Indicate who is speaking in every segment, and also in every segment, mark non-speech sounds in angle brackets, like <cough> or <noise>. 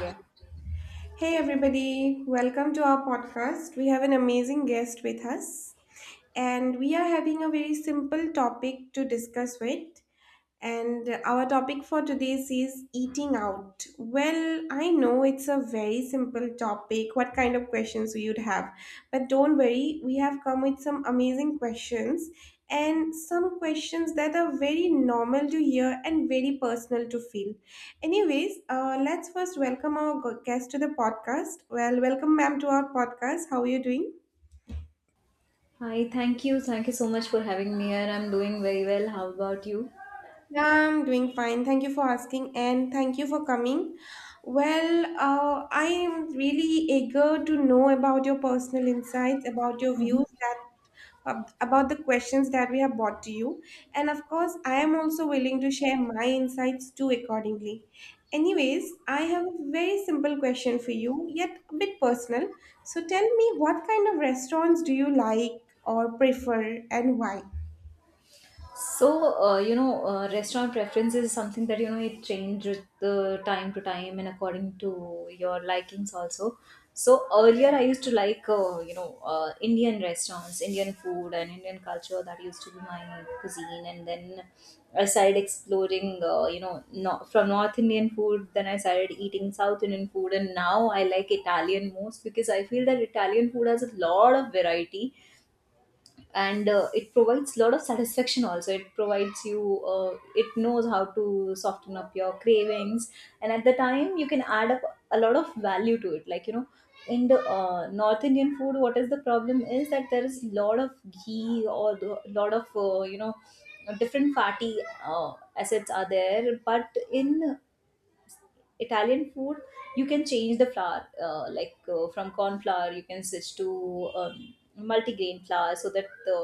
Speaker 1: Yeah.
Speaker 2: Hey everybody, welcome to our podcast. We have an amazing guest with us, and we are having a very simple topic to discuss with. And our topic for today is eating out. Well, I know it's a very simple topic, what kind of questions you'd have. But don't worry, we have come with some amazing questions and some questions that are very normal to hear and very personal to feel. Anyways, let's first welcome our guest to the podcast. Well, welcome, ma'am, to our podcast. How are you doing?
Speaker 1: Hi, thank you. Thank you so much for having me here. I'm doing very well. How about you?
Speaker 2: Yeah, I'm doing fine. Thank you for asking and thank you for coming. Well, I am really eager to know about your personal insights, about your views that about the questions that we have brought to you. And of course, I am also willing to share my insights too accordingly. Anyways, I have a very simple question for you, yet a bit personal. So tell me what kind of restaurants do you like or prefer and why?
Speaker 1: So, Restaurant preference is something that, you know, it change with the time to time and according to your likings also. So earlier I used to like, Indian restaurants, Indian food and Indian culture. That used to be my cuisine. And then I started exploring, not, from North Indian food. Then I started eating South Indian food. And now I like Italian most because I feel that Italian food has a lot of variety and it provides a lot of satisfaction. Also it provides you, it knows how to soften up your cravings, and at the time you can add up a lot of value to it. Like, in the North Indian food, what is the problem is that there is a lot of ghee or a lot of, different fatty uh, assets are there, but in Italian food you can change the flour, from corn flour you can switch to multigrain flour so that the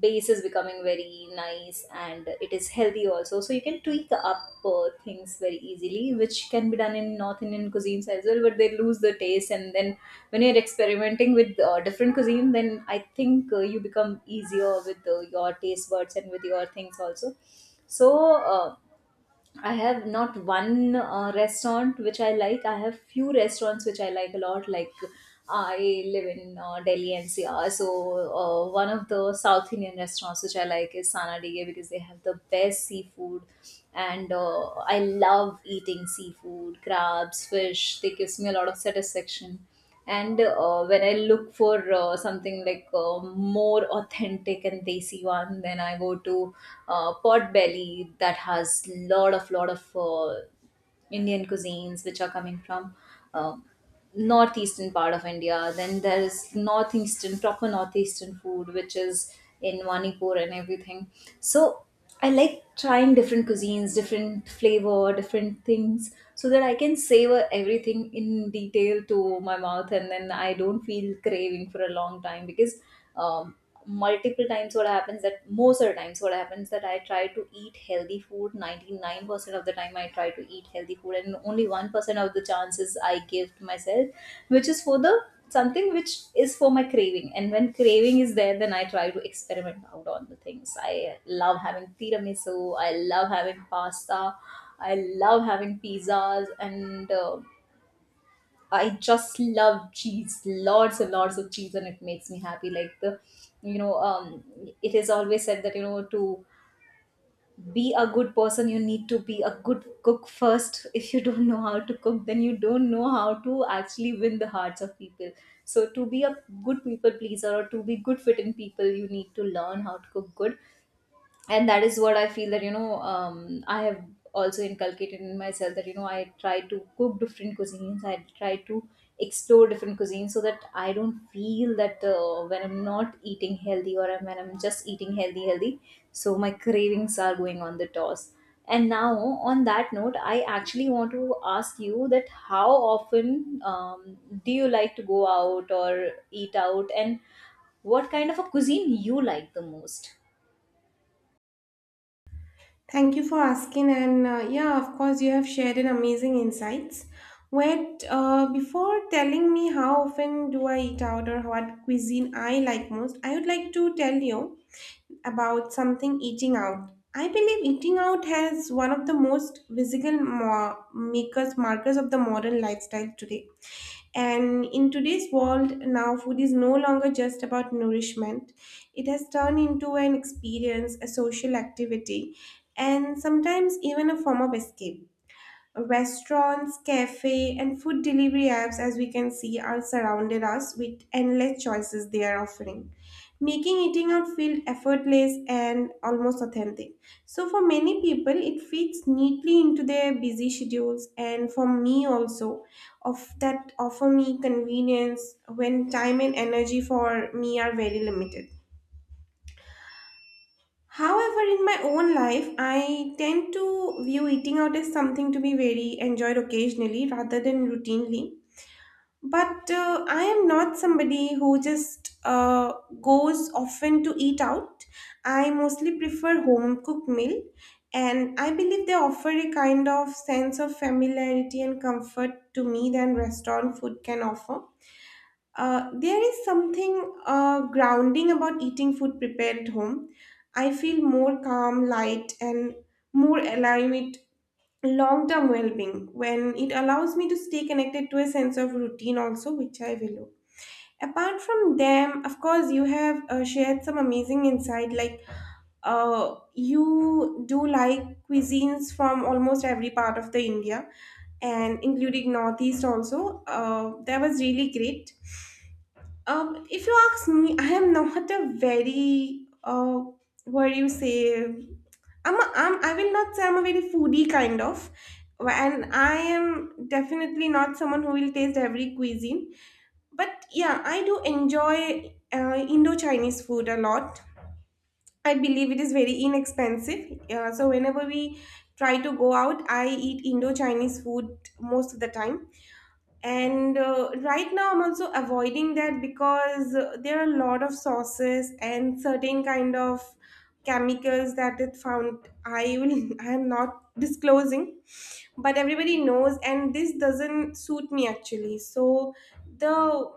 Speaker 1: base is becoming very nice and it is healthy also. So you can tweak up things very easily, which can be done in North Indian cuisines as well, but they lose the taste. And then when you're experimenting with different cuisine, then I think you become easier with your taste buds and with your things also. so uh, I have not one restaurant which I like. I have few restaurants which I like a lot. Like I live in Delhi NCR, so one of the South Indian restaurants which I like is Sanadige, because they have the best seafood, and I love eating seafood, crabs, fish. They gives me a lot of satisfaction. And when I look for something like, more authentic and desi one, then I go to Pot Belly, that has lot of Indian cuisines, which are coming from uh, northeastern part of India. Then there is northeastern, proper northeastern food, which is in Manipur and everything. So I like trying different cuisines, different flavor, different things, so that I can savor everything in detail to my mouth, and then I don't feel craving for a long time. Because um, multiple times what happens that Most of the times what happens that I try to eat healthy food 99% of the time. I try to eat healthy food, and only 1% of the chances I give to myself, which is for the something which is for my craving. And when craving is there, then I try to experiment out on the things. I love having tiramisu, I love having pasta, I love having pizzas, and I just love cheese, lots and lots of cheese, and it makes me happy. You know, um, it is always said that, you know, to be a good person, you need to be a good cook first. <laughs> If you don't know how to cook, then you don't know how to actually win the hearts of people. So to be a good people pleaser or to be good fit in people, you need to learn how to cook good. And that is what I feel, that, I have also inculcated in myself that, you know, I try to cook different cuisines, I try to explore different cuisines, so that I don't feel that, when I'm not eating healthy or when I'm just eating healthy healthy, so my cravings are going on the toss. And now on that note, I actually want to ask you that how often, do you like to go out or eat out, and what kind of a cuisine you like the most?
Speaker 2: Thank you for asking, and yeah, of course, you have shared an amazing insights. Wait, before telling me how often do I eat out or what cuisine I like most, I would like to tell you about something eating out. I believe eating out has one of the most visible makers markers of the modern lifestyle today, and in today's world, now food is no longer just about nourishment. It has turned into an experience, a social activity, and sometimes even a form of escape. Restaurants, cafe, and food delivery apps, as we can see, are surrounded us with endless choices they are offering, making eating out feel effortless and almost authentic. So for many people, it fits neatly into their busy schedules, and for me also, of that offer me convenience when time and energy for me are very limited. However, in my own life, I tend to view eating out as something to be very enjoyed occasionally rather than routinely. But I am not somebody who just goes often to eat out. I mostly prefer home cooked meal, and I believe they offer a kind of sense of familiarity and comfort to me than restaurant food can offer. There is something grounding about eating food prepared at home. I feel more calm, light, and more aligned with long term well being when it allows me to stay connected to a sense of routine, also, which I value. Apart from them, of course, you have shared some amazing insight. Like, you do like cuisines from almost every part of the India and including Northeast also. That was really great. If you ask me, I am not a very what do you say? I will not say I'm a very foodie kind of, and I am definitely not someone who will taste every cuisine. But yeah, I do enjoy Indo Chinese food a lot. I believe it is very inexpensive. So whenever we try to go out, I eat Indo Chinese food most of the time, and right now I'm also avoiding that because there are a lot of sauces and certain kind of chemicals that it found I will <laughs> I am not disclosing, but everybody knows and this doesn't suit me actually. So the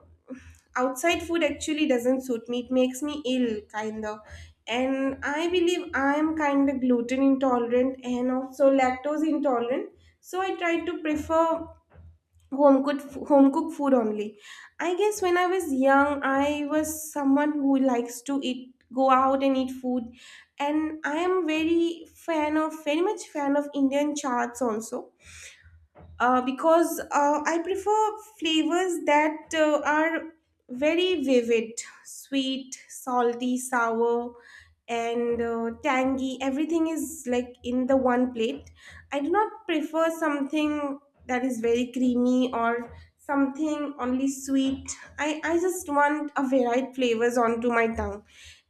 Speaker 2: outside food actually doesn't suit me, it makes me ill kind of, and I believe I am kind of gluten intolerant and also lactose intolerant. So I try to prefer home cooked home cooked food only. I guess when I was young I was someone who likes to eat go out and eat food, and I am very fan of very much fan of Indian charts also, because I prefer flavors that are very vivid, sweet, salty, sour, and tangy. Everything is like in the one plate. I do not prefer something that is very creamy or something only sweet. I just want a varied flavors onto my tongue.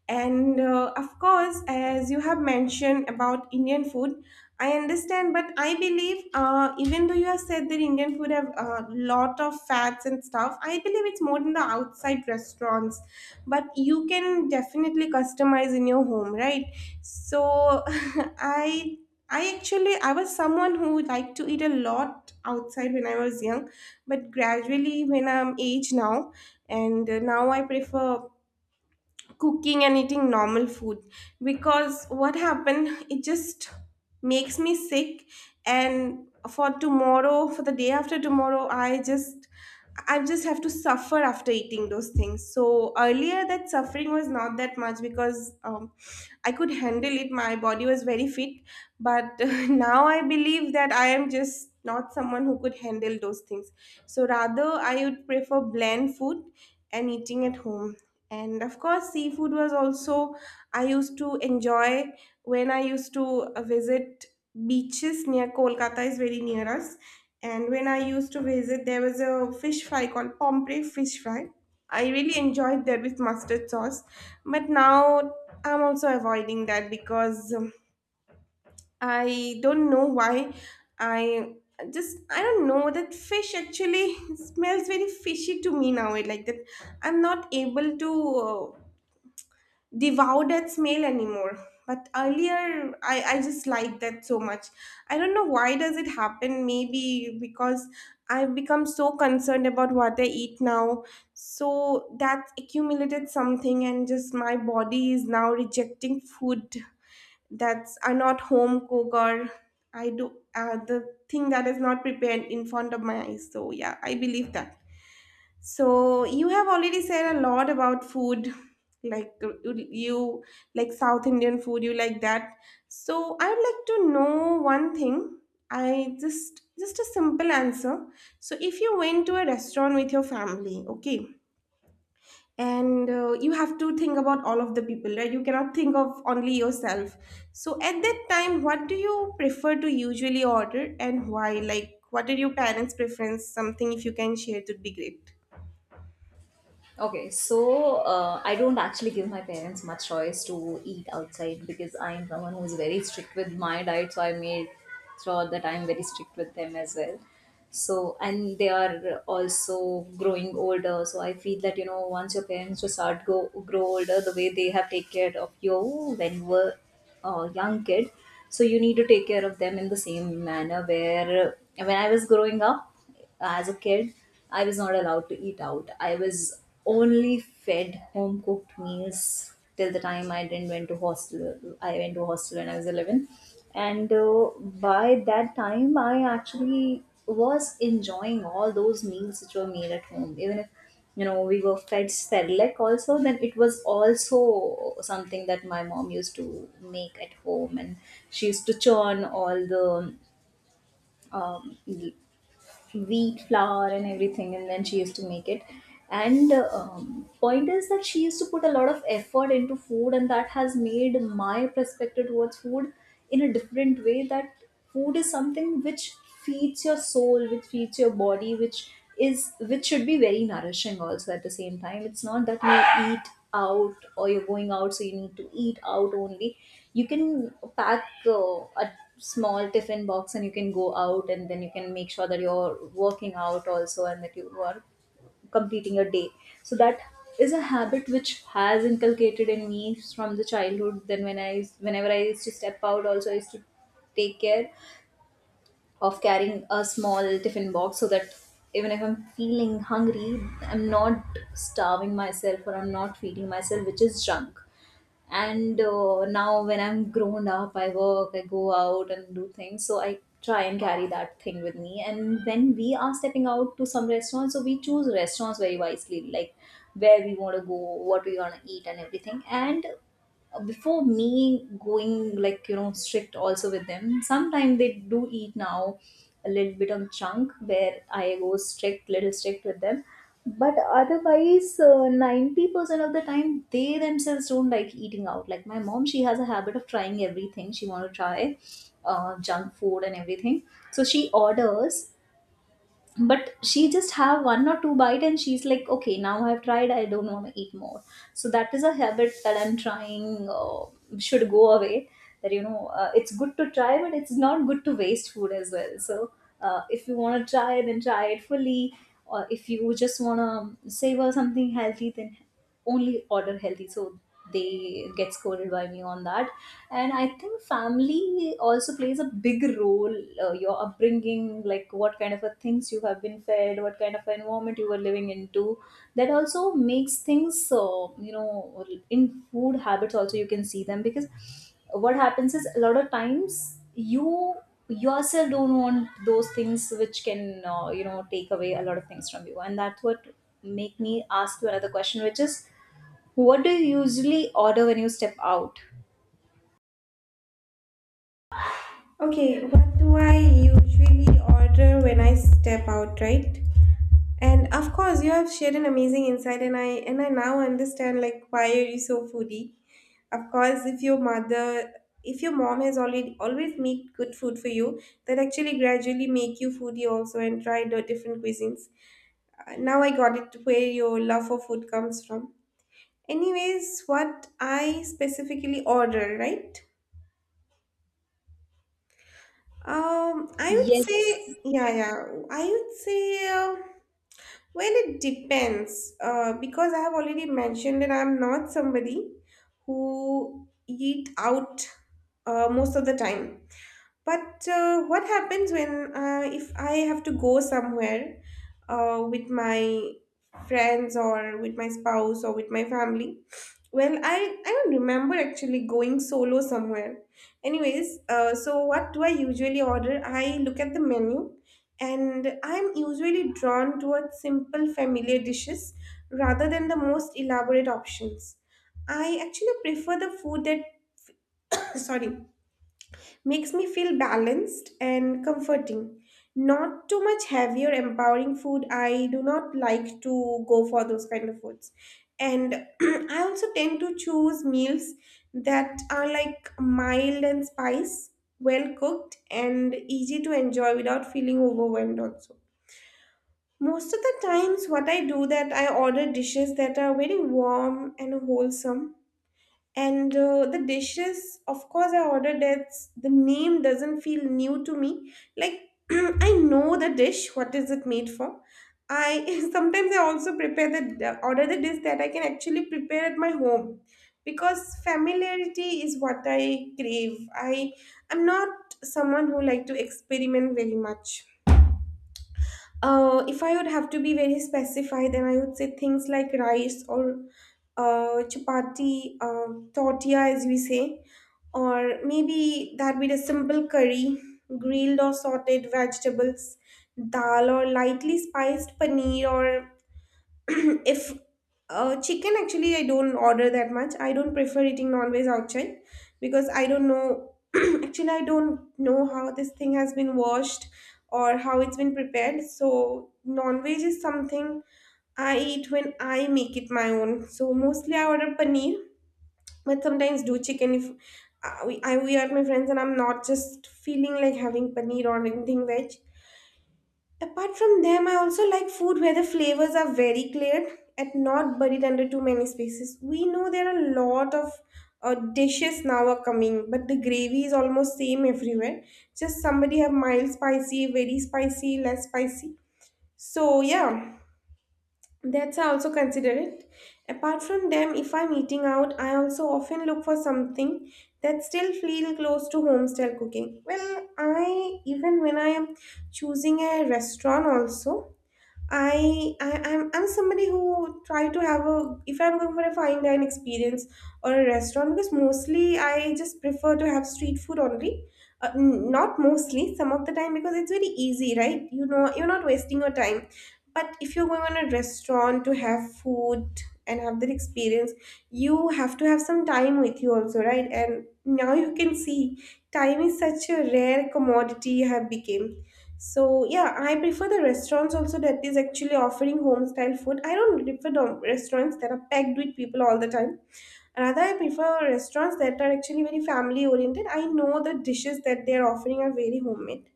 Speaker 2: And of course, as you have mentioned about Indian food, I understand, but I believe even though you have said that Indian food have a lot of fats and stuff, I believe it's more in the outside restaurants. But you can definitely customize in your home, right? So <laughs> I actually I was someone who liked to eat a lot outside when I was young, but gradually when I'm age now, and now I prefer cooking and eating normal food, because what happened it just makes me sick, and for tomorrow for the day after tomorrow I just have to suffer after eating those things. So earlier that suffering was not that much because I could handle it, my body was very fit, but <laughs> now I believe that I am just not someone who could handle those things. So rather I would prefer bland food and eating at home. And of course, seafood was also, I used to enjoy when I used to visit beaches near Kolkata, is very near us. And when I used to visit, there was a fish fry called Pomfrey fish fry. I really enjoyed that with mustard sauce. But now I'm also avoiding that because I don't know why. I I don't know, that fish actually <laughs> smells very fishy to me now. It Like that I'm not able to. The wow that smell anymore, but earlier I just liked that so much. I don't know why does it happen, maybe because I've become so concerned about what I eat now, so that accumulated something and just my body is now rejecting food that's are not home cooked, or I do the thing that is not prepared in front of my eyes. So yeah, I believe that. So you have already said a lot about food, like you like South Indian food, you like that. So I would like to know one thing. I just a simple answer. So if you went to a restaurant with your family, okay, and you have to think about all of the people, right? You cannot think of only yourself. So at that time, what do you prefer to usually order and why? Like, what are your parents' preference? Something if you can share, it would be great.
Speaker 1: Okay, so I don't actually give my parents much choice to eat outside, because I'm someone who's very strict with my diet. So I made sure that I'm very strict with them as well. So, and they are also growing older. So I feel that, you know, once your parents just start go grow older, the way they have taken care of you when you were a young kid, so you need to take care of them in the same manner. Where when I was growing up, as a kid, I was not allowed to eat out. I was only fed home cooked meals till the time I didn't went to hostel. I went to hostel when I was 11, and by that time, I actually was enjoying all those meals which were made at home, even if. You know, we were fed Cerelac also, then it was also something that my mom used to make at home, and she used to churn all the um, wheat flour and everything, and then she used to make it. And Point is that she used to put a lot of effort into food, and that has made my perspective towards food in a different way, that food is something which feeds your soul, which feeds your body, which is, which should be very nourishing also. At the same time, it's not that you eat out or you're going out, so you need to eat out only. You can pack a small tiffin box, and you can go out, and then you can make sure that you're working out also, and that you are completing your day. So that is a habit which has inculcated in me from the childhood. Then when I, whenever I used to step out also, I used to take care of carrying a small tiffin box, so that even if I'm feeling hungry, I'm not starving myself, or I'm not feeding myself, which is junk. And now, when I'm grown up, I work, I go out and do things. So I try and carry that thing with me. And when we are stepping out to some restaurants, so we choose restaurants very wisely, like where we want to go, what we want to eat, and everything. And before me going, like, you know, strict also with them. Sometimes they do eat now a little bit on chunk, where I go strict, little strict with them, but otherwise, 90% of the time they themselves don't like eating out. Like, my mom, she has a habit of trying everything. She want to try junk food and everything, so she orders, but she just have one or two bite, and she's like, okay, now I've tried, I don't want to eat more. So that is a habit that I'm trying, should go away. That, you know, it's good to try, but it's not good to waste food as well. So if you want to try, then try it fully, or if you just want to savor something healthy, then only order healthy. So they get scolded by me on that. And I think family also plays a big role, your upbringing, like what kind of a things you have been fed, what kind of environment you were living into. That also makes things. So, you know, in food habits also you can see them, because what happens is, a lot of times, you yourself don't want those things which can, you know, take away a lot of things from you. And that's what make me ask you another question, which is, what do you usually order when you step out?
Speaker 2: Okay, what do I usually order when I step out, right? And of course, you have shared an amazing insight, and I now understand like why are you so foodie. Of course, if your mother, if your mom has already always made good food for you, that actually gradually make you foodie also and try the different cuisines. Now I got it where your love for food comes from. Anyways, what I specifically order, right? I would
Speaker 1: Yes.
Speaker 2: say, yeah, yeah. I would say, well, it depends. Because I have already mentioned that I'm not somebody who eat out most of the time. But what happens when if I have to go somewhere with my friends or with my spouse or with my family? Well, I don't remember actually going solo somewhere. Anyways, so what do I usually order? I look at the menu and I'm usually drawn towards simple familiar dishes rather than the most elaborate options. I actually prefer the food that <coughs> sorry, makes me feel balanced and comforting. Not too much heavier, empowering food. I do not like to go for those kind of foods. And <clears throat> I also tend to choose meals that are like mild and spice, well cooked, and easy to enjoy without feeling overwhelmed, also. Most of the times, what I do that I order dishes that are very warm and wholesome, and the dishes, of course, I ordered that. The name doesn't feel new to me. Like, <clears throat> I know the dish, what is it made for? I <laughs> sometimes I also prepare the order the dish that I can actually prepare at my home, because familiarity is what I crave. I am not someone who like to experiment very much. If I would have to be very specified, then I would say things like rice or chapati, tortilla, as we say, or maybe that with a simple curry, grilled or sauteed vegetables, dal or lightly spiced paneer or <clears throat> if chicken actually I don't order that much. I don't prefer eating non-veg outside because I don't know <clears throat> actually I don't know how this thing has been washed or how it's been prepared. So non-veg is something I eat when I make it my own. So mostly I order paneer, but sometimes do chicken if we are my friends and I'm not just feeling like having paneer or anything veg. Apart from them, I also like food where the flavors are very clear and not buried under too many spaces. We know there are a lot of dishes now are coming, but the gravy is almost same everywhere, just somebody have mild spicy, very spicy, less spicy. So yeah, that's I also consider it. Apart from them, if I'm eating out, I also often look for something that still feel close to home style cooking. Well, I, even when I am choosing a restaurant also, I'm somebody who try to have a, if I'm going for a fine dine experience or a restaurant, because mostly I just prefer to have street food only. Not mostly, some of the time, because it's very easy, right? You know, you're not wasting your time. But if you're going on a restaurant to have food and have that experience, you have to have some time with you also, right? And now you can see time is such a rare commodity have become. So yeah, I prefer the restaurants also that is actually offering home style food. I don't prefer the restaurants that are packed with people all the time. Rather, I prefer restaurants that are actually very family oriented. I know the dishes that they are offering are very homemade.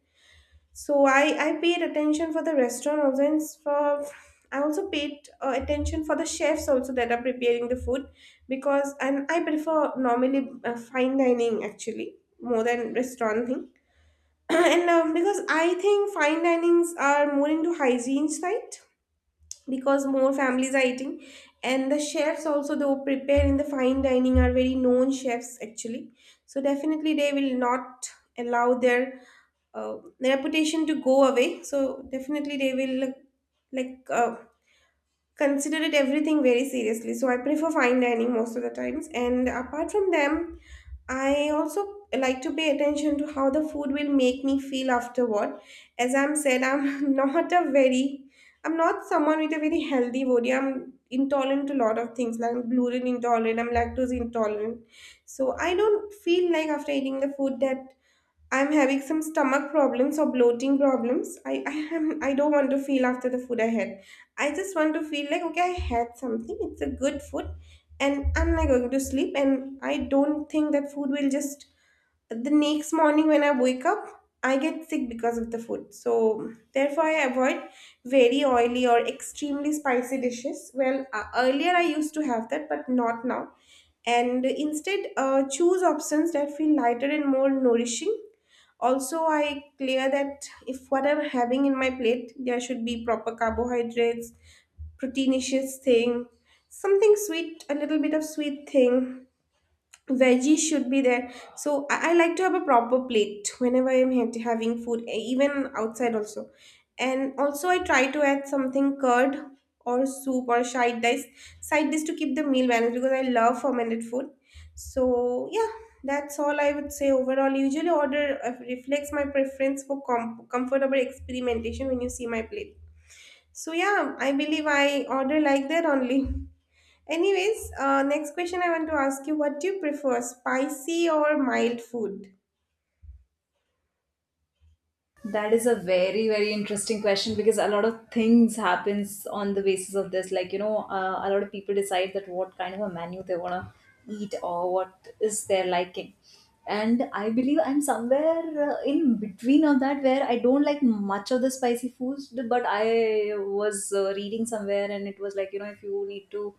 Speaker 2: So I paid attention for the restaurant also, and for I also paid attention for the chefs also that are preparing the food. Because and I prefer normally fine dining actually more than restaurant thing, <clears throat> and because I think fine dinings are more into hygiene side, because more families are eating, and the chefs also though prepare in the fine dining are very known chefs actually. So definitely they will not allow their reputation to go away. So definitely they will like, uh, consider it everything very seriously. So I prefer fine dining most of the times, and apart from them, I also like to pay attention to how the food will make me feel afterward. As I'm said, I'm <laughs> not a very, I'm not someone with a very healthy body. I'm intolerant to a lot of things, like I'm gluten intolerant, I'm lactose intolerant. So I don't feel like after eating the food that I'm having some stomach problems or bloating problems. I don't want to feel after the food I had. I just want to feel like okay, I had something. It's a good food, and I'm not going to sleep. And I don't think that food will just the next morning when I wake up, I get sick because of the food. So therefore, I avoid very oily or extremely spicy dishes. Well, earlier I used to have that, but not now. And instead, choose options that feel lighter and more nourishing. Also, I clear that if what I'm having in my plate, there should be proper carbohydrates, proteinaceous thing, something sweet, a little bit of sweet thing, veggies should be there. So I like to have a proper plate whenever having food even outside also. And also I try to add something curd or soup or side dish to keep the meal balanced, because I love fermented food. So yeah, that's all I would say overall. Usually order reflects my preference for comfortable experimentation when you see my plate. So yeah, I believe I order like that only. Anyways, next question I want to ask you, what do you prefer, spicy or mild food?
Speaker 1: That is a very, very interesting question, because a lot of things happens on the basis of this. Like, you know, a lot of people decide that what kind of a menu they want to eat or what is their liking. And I believe I'm somewhere in between of that, where I don't like much of the spicy foods, but I was reading somewhere, and it was like, you know, if you need to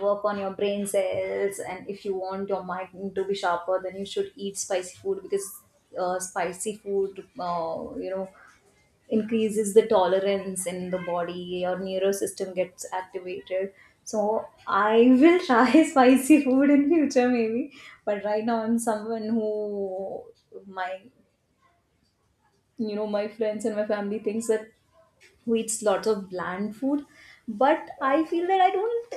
Speaker 1: work on your brain cells and if you want your mind to be sharper, then you should eat spicy food. Because spicy food, increases the tolerance in the body, your neuro system gets activated. So I will try <laughs> spicy food in future maybe, but right now I'm someone who, my, you know, my friends and my family thinks that who eats lots of bland food. But I feel that I don't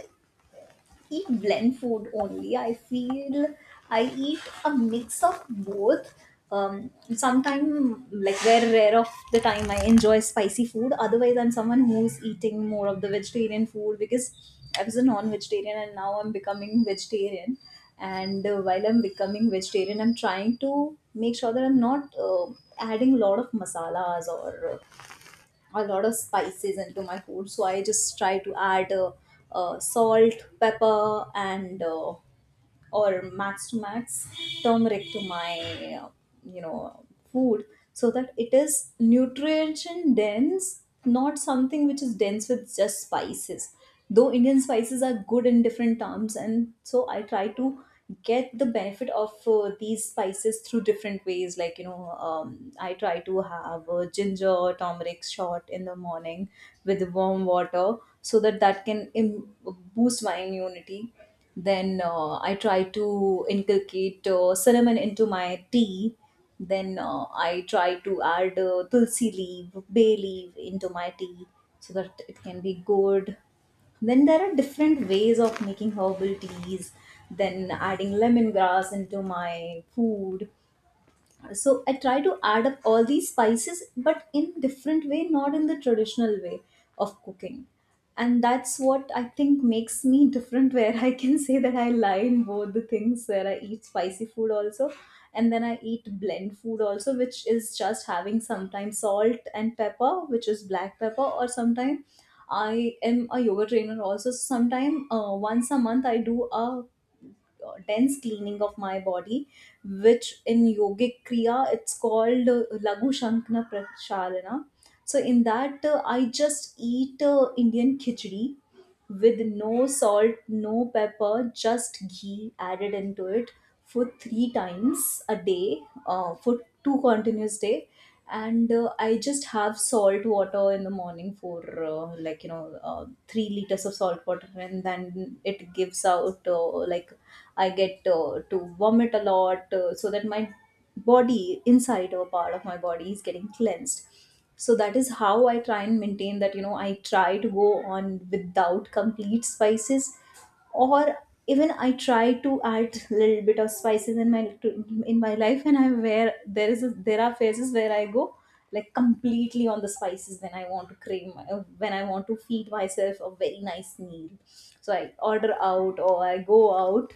Speaker 1: eat blend food only. I feel I eat a mix of both. Sometimes, like very rare of the time, I enjoy spicy food. Otherwise, I'm someone who's eating more of the vegetarian food, because I was a non-vegetarian, and now I'm becoming vegetarian. And while I'm becoming vegetarian, I'm trying to make sure that I'm not adding a lot of masalas or a lot of spices into my food. So I just try to add salt, pepper, and or max to max turmeric to my you know food, so that it is nutrition dense, not something which is dense with just spices. Though Indian spices are good in different terms, and so I try to get the benefit of these spices through different ways. Like, I try to have a ginger turmeric shot in the morning with warm water, so that that can boost my immunity. Then I try to inculcate cinnamon into my tea. Then I try to add tulsi leaf, bay leaf into my tea, so that it can be good. Then there are different ways of making herbal teas, then adding lemongrass into my food. So I try to add up all these spices but in different way, not in the traditional way of cooking. And that's what I think makes me different, <laughs> where I can say that I line both the things, where I eat spicy food also, and then I eat blend food also, which is just having sometimes salt and pepper, which is black pepper, or sometimes. I am a yoga trainer also, so sometime once a month I do a dense cleaning of my body, which in yogic kriya it's called lagu shankna prasharana. So in that I just eat Indian khichdi, with no salt, no pepper, just ghee added into it, for 3 times a day, for 2 continuous day. And I just have salt water in the morning for like 3 liters of salt water, and then it gives out, like I get, to vomit a lot, so that my body inside, or part of my body, is getting cleansed. So that is how I try and maintain that, I try to go on without complete spices, or even I try to add little bit of spices in my life. And I, where there is there are phases where I go like completely on the spices, when I want to cream, when I want to feed myself a very nice meal, so I order out or I go out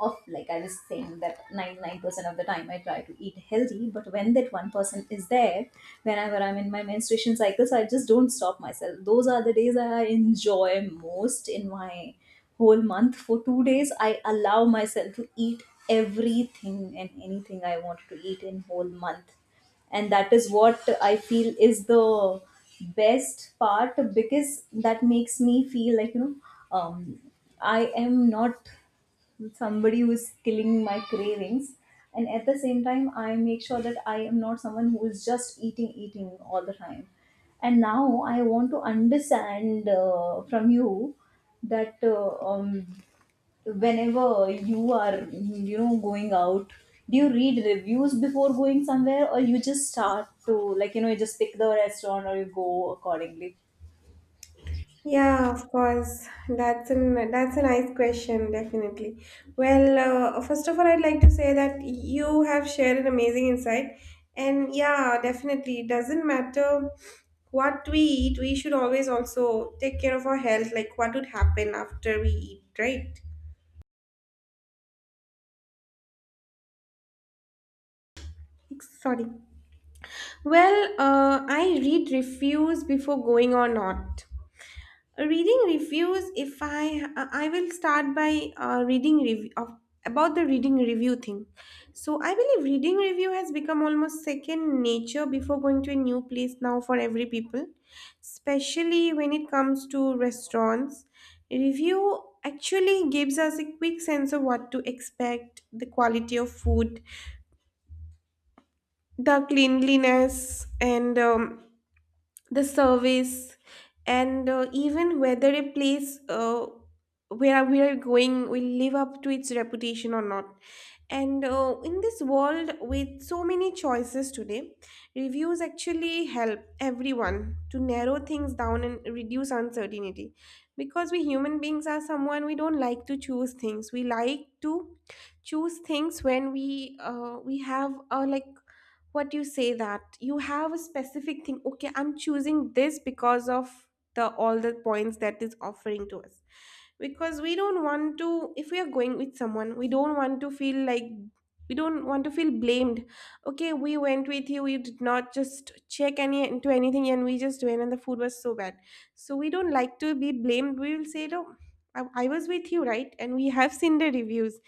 Speaker 1: of. Like I was saying, that 99% of the time I try to eat healthy, but when that one person is there, whenever I'm in my menstruation cycle, so I just don't stop myself. Those are the days I enjoy most in my whole month. For 2 days, I allow myself to eat everything and anything I want to eat in whole month. And that is what I feel is the best part, because that makes me feel like, um, I am not somebody who is killing my cravings. And at the same time, I make sure that I am not someone who is just eating all the time. And now I want to understand from you that, whenever you are going out, do you read reviews before going somewhere, or you just start to, like, you just pick the restaurant, or you go accordingly?
Speaker 2: Yeah, of course. That's a nice question, definitely. Well, first of all, I'd like to say that you have shared an amazing insight, and yeah, definitely, it doesn't matter what we eat. We should always also take care of our health, like what would happen after we eat, right? Sorry. Well, I read reviews before going or not. Reading reviews, if I will start by reading review of, about the reading review thing. So I believe reading review has become almost second nature before going to a new place now for every people, especially when it comes to restaurants. Review actually gives us a quick sense of what to expect, the quality of food, the cleanliness, and the service, and even whether a place where we are going will live up to its reputation or not. And in this world with so many choices today, reviews actually help everyone to narrow things down and reduce uncertainty. Because we human beings are someone we don't like to choose things. We like to choose things when we have like what you say, that you have a specific thing. Okay, I'm choosing this because of the all the points that is offering to us. Because we don't want to, if we are going with someone, we don't want to feel like, we don't want to feel blamed. Okay, we went with you, we did not just check any into anything, and we just went and the food was so bad. So we don't like to be blamed. We will say no, I was with you, right? And we have seen the reviews.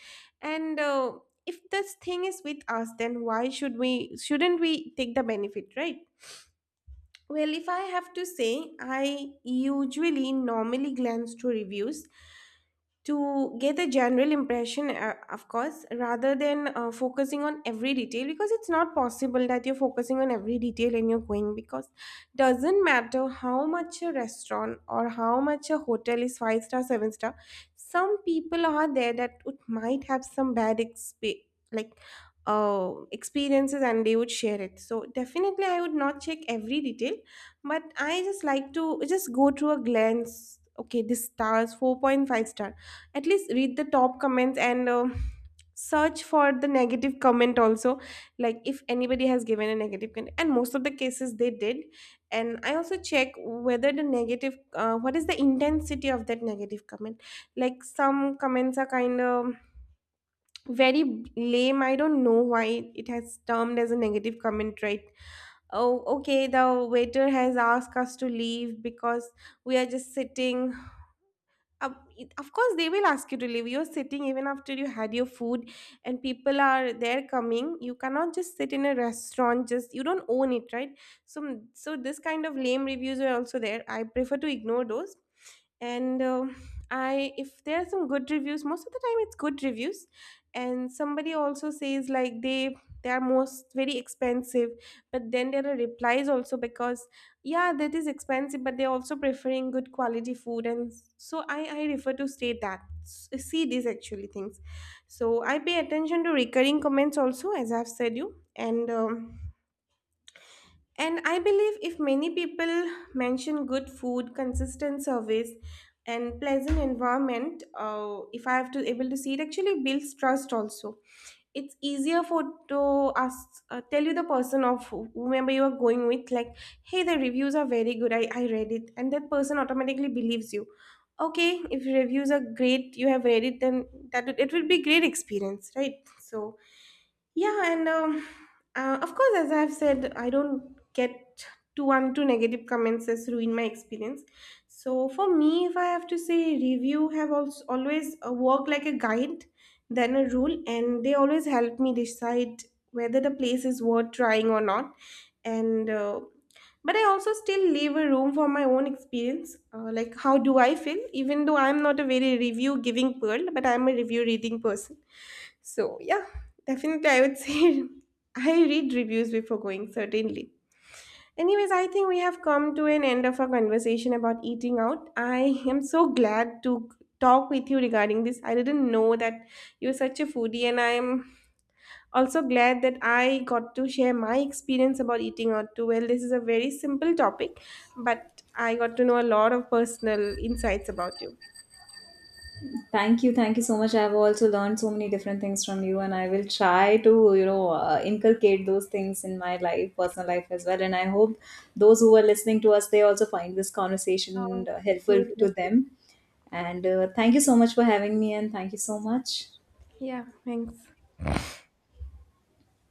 Speaker 2: And if this thing is with us, then why should we shouldn't we take the benefit, right? Well, if I have to say, I usually normally glance through reviews to get a general impression, of course, rather than focusing on every detail, because it's not possible that you're focusing on every detail and you're going. Because doesn't matter how much a restaurant or how much a hotel is five star, seven-star, some people are there that would, might have some bad exp- like experiences, and they would share it. So definitely, I would not check every detail, but I just like to just go through a glance. Okay, this stars 4.5 star, at least read the top comments, and search for the negative comment also, like if anybody has given a negative comment, and most of the cases they did. And I also check whether the negative what is the intensity of that negative comment. Like some comments are kind of very lame, I don't know why it has termed as a negative comment, right? Oh okay, the waiter has asked us to leave because we are just sitting. It- of course they will ask you to leave, you're sitting even after you had your food, and people are there coming. You cannot just sit in a restaurant, just you don't own it, right? So, so this kind of lame reviews are also there, I prefer to ignore those. And I, if there are some good reviews, most of the time it's good reviews. And somebody also says like they are most very expensive, but then there are replies also. Because yeah, that is expensive, but they're also preferring good quality food. And so I refer to state that see these actually things. So I pay attention to recurring comments also, as I've said you, and um, and I believe if many people mention good food, consistent service, and pleasant environment, if I have to able to see it, actually builds trust also. It's easier for, to ask tell you the person of whomever you are going with, like hey, the reviews are very good, I read it. And that person automatically believes you. Okay, if reviews are great, you have read it, then that it will be great experience, right? So yeah, and of course, as I've said, I don't get too one two negative comments as ruin my experience. So for me, if I have to say, review have also always work like a guide than a rule, and they always help me decide whether the place is worth trying or not. And but I also still leave a room for my own experience, like how do I feel, even though I'm not a very review giving pearl, but I'm a review reading person. So, yeah, definitely, I would say <laughs> I read reviews before going, certainly. Anyways, I think we have come to an end of our conversation about eating out. I am so glad to talk with you regarding this. I didn't know that you're such a foodie, and I'm also glad that I got to share my experience about eating out too. Well, this is a very simple topic, but I got to know a lot of personal insights about you.
Speaker 1: Thank you. Thank you so much. I've also learned so many different things from you, and I will try to, inculcate those things in my life, personal life as well. And I hope those who are listening to us, they also find this
Speaker 2: Oh,
Speaker 1: conversation
Speaker 2: thank
Speaker 1: helpful to
Speaker 2: you.
Speaker 1: them. And thank you so much for having me, and thank you so much.
Speaker 2: Yeah, thanks.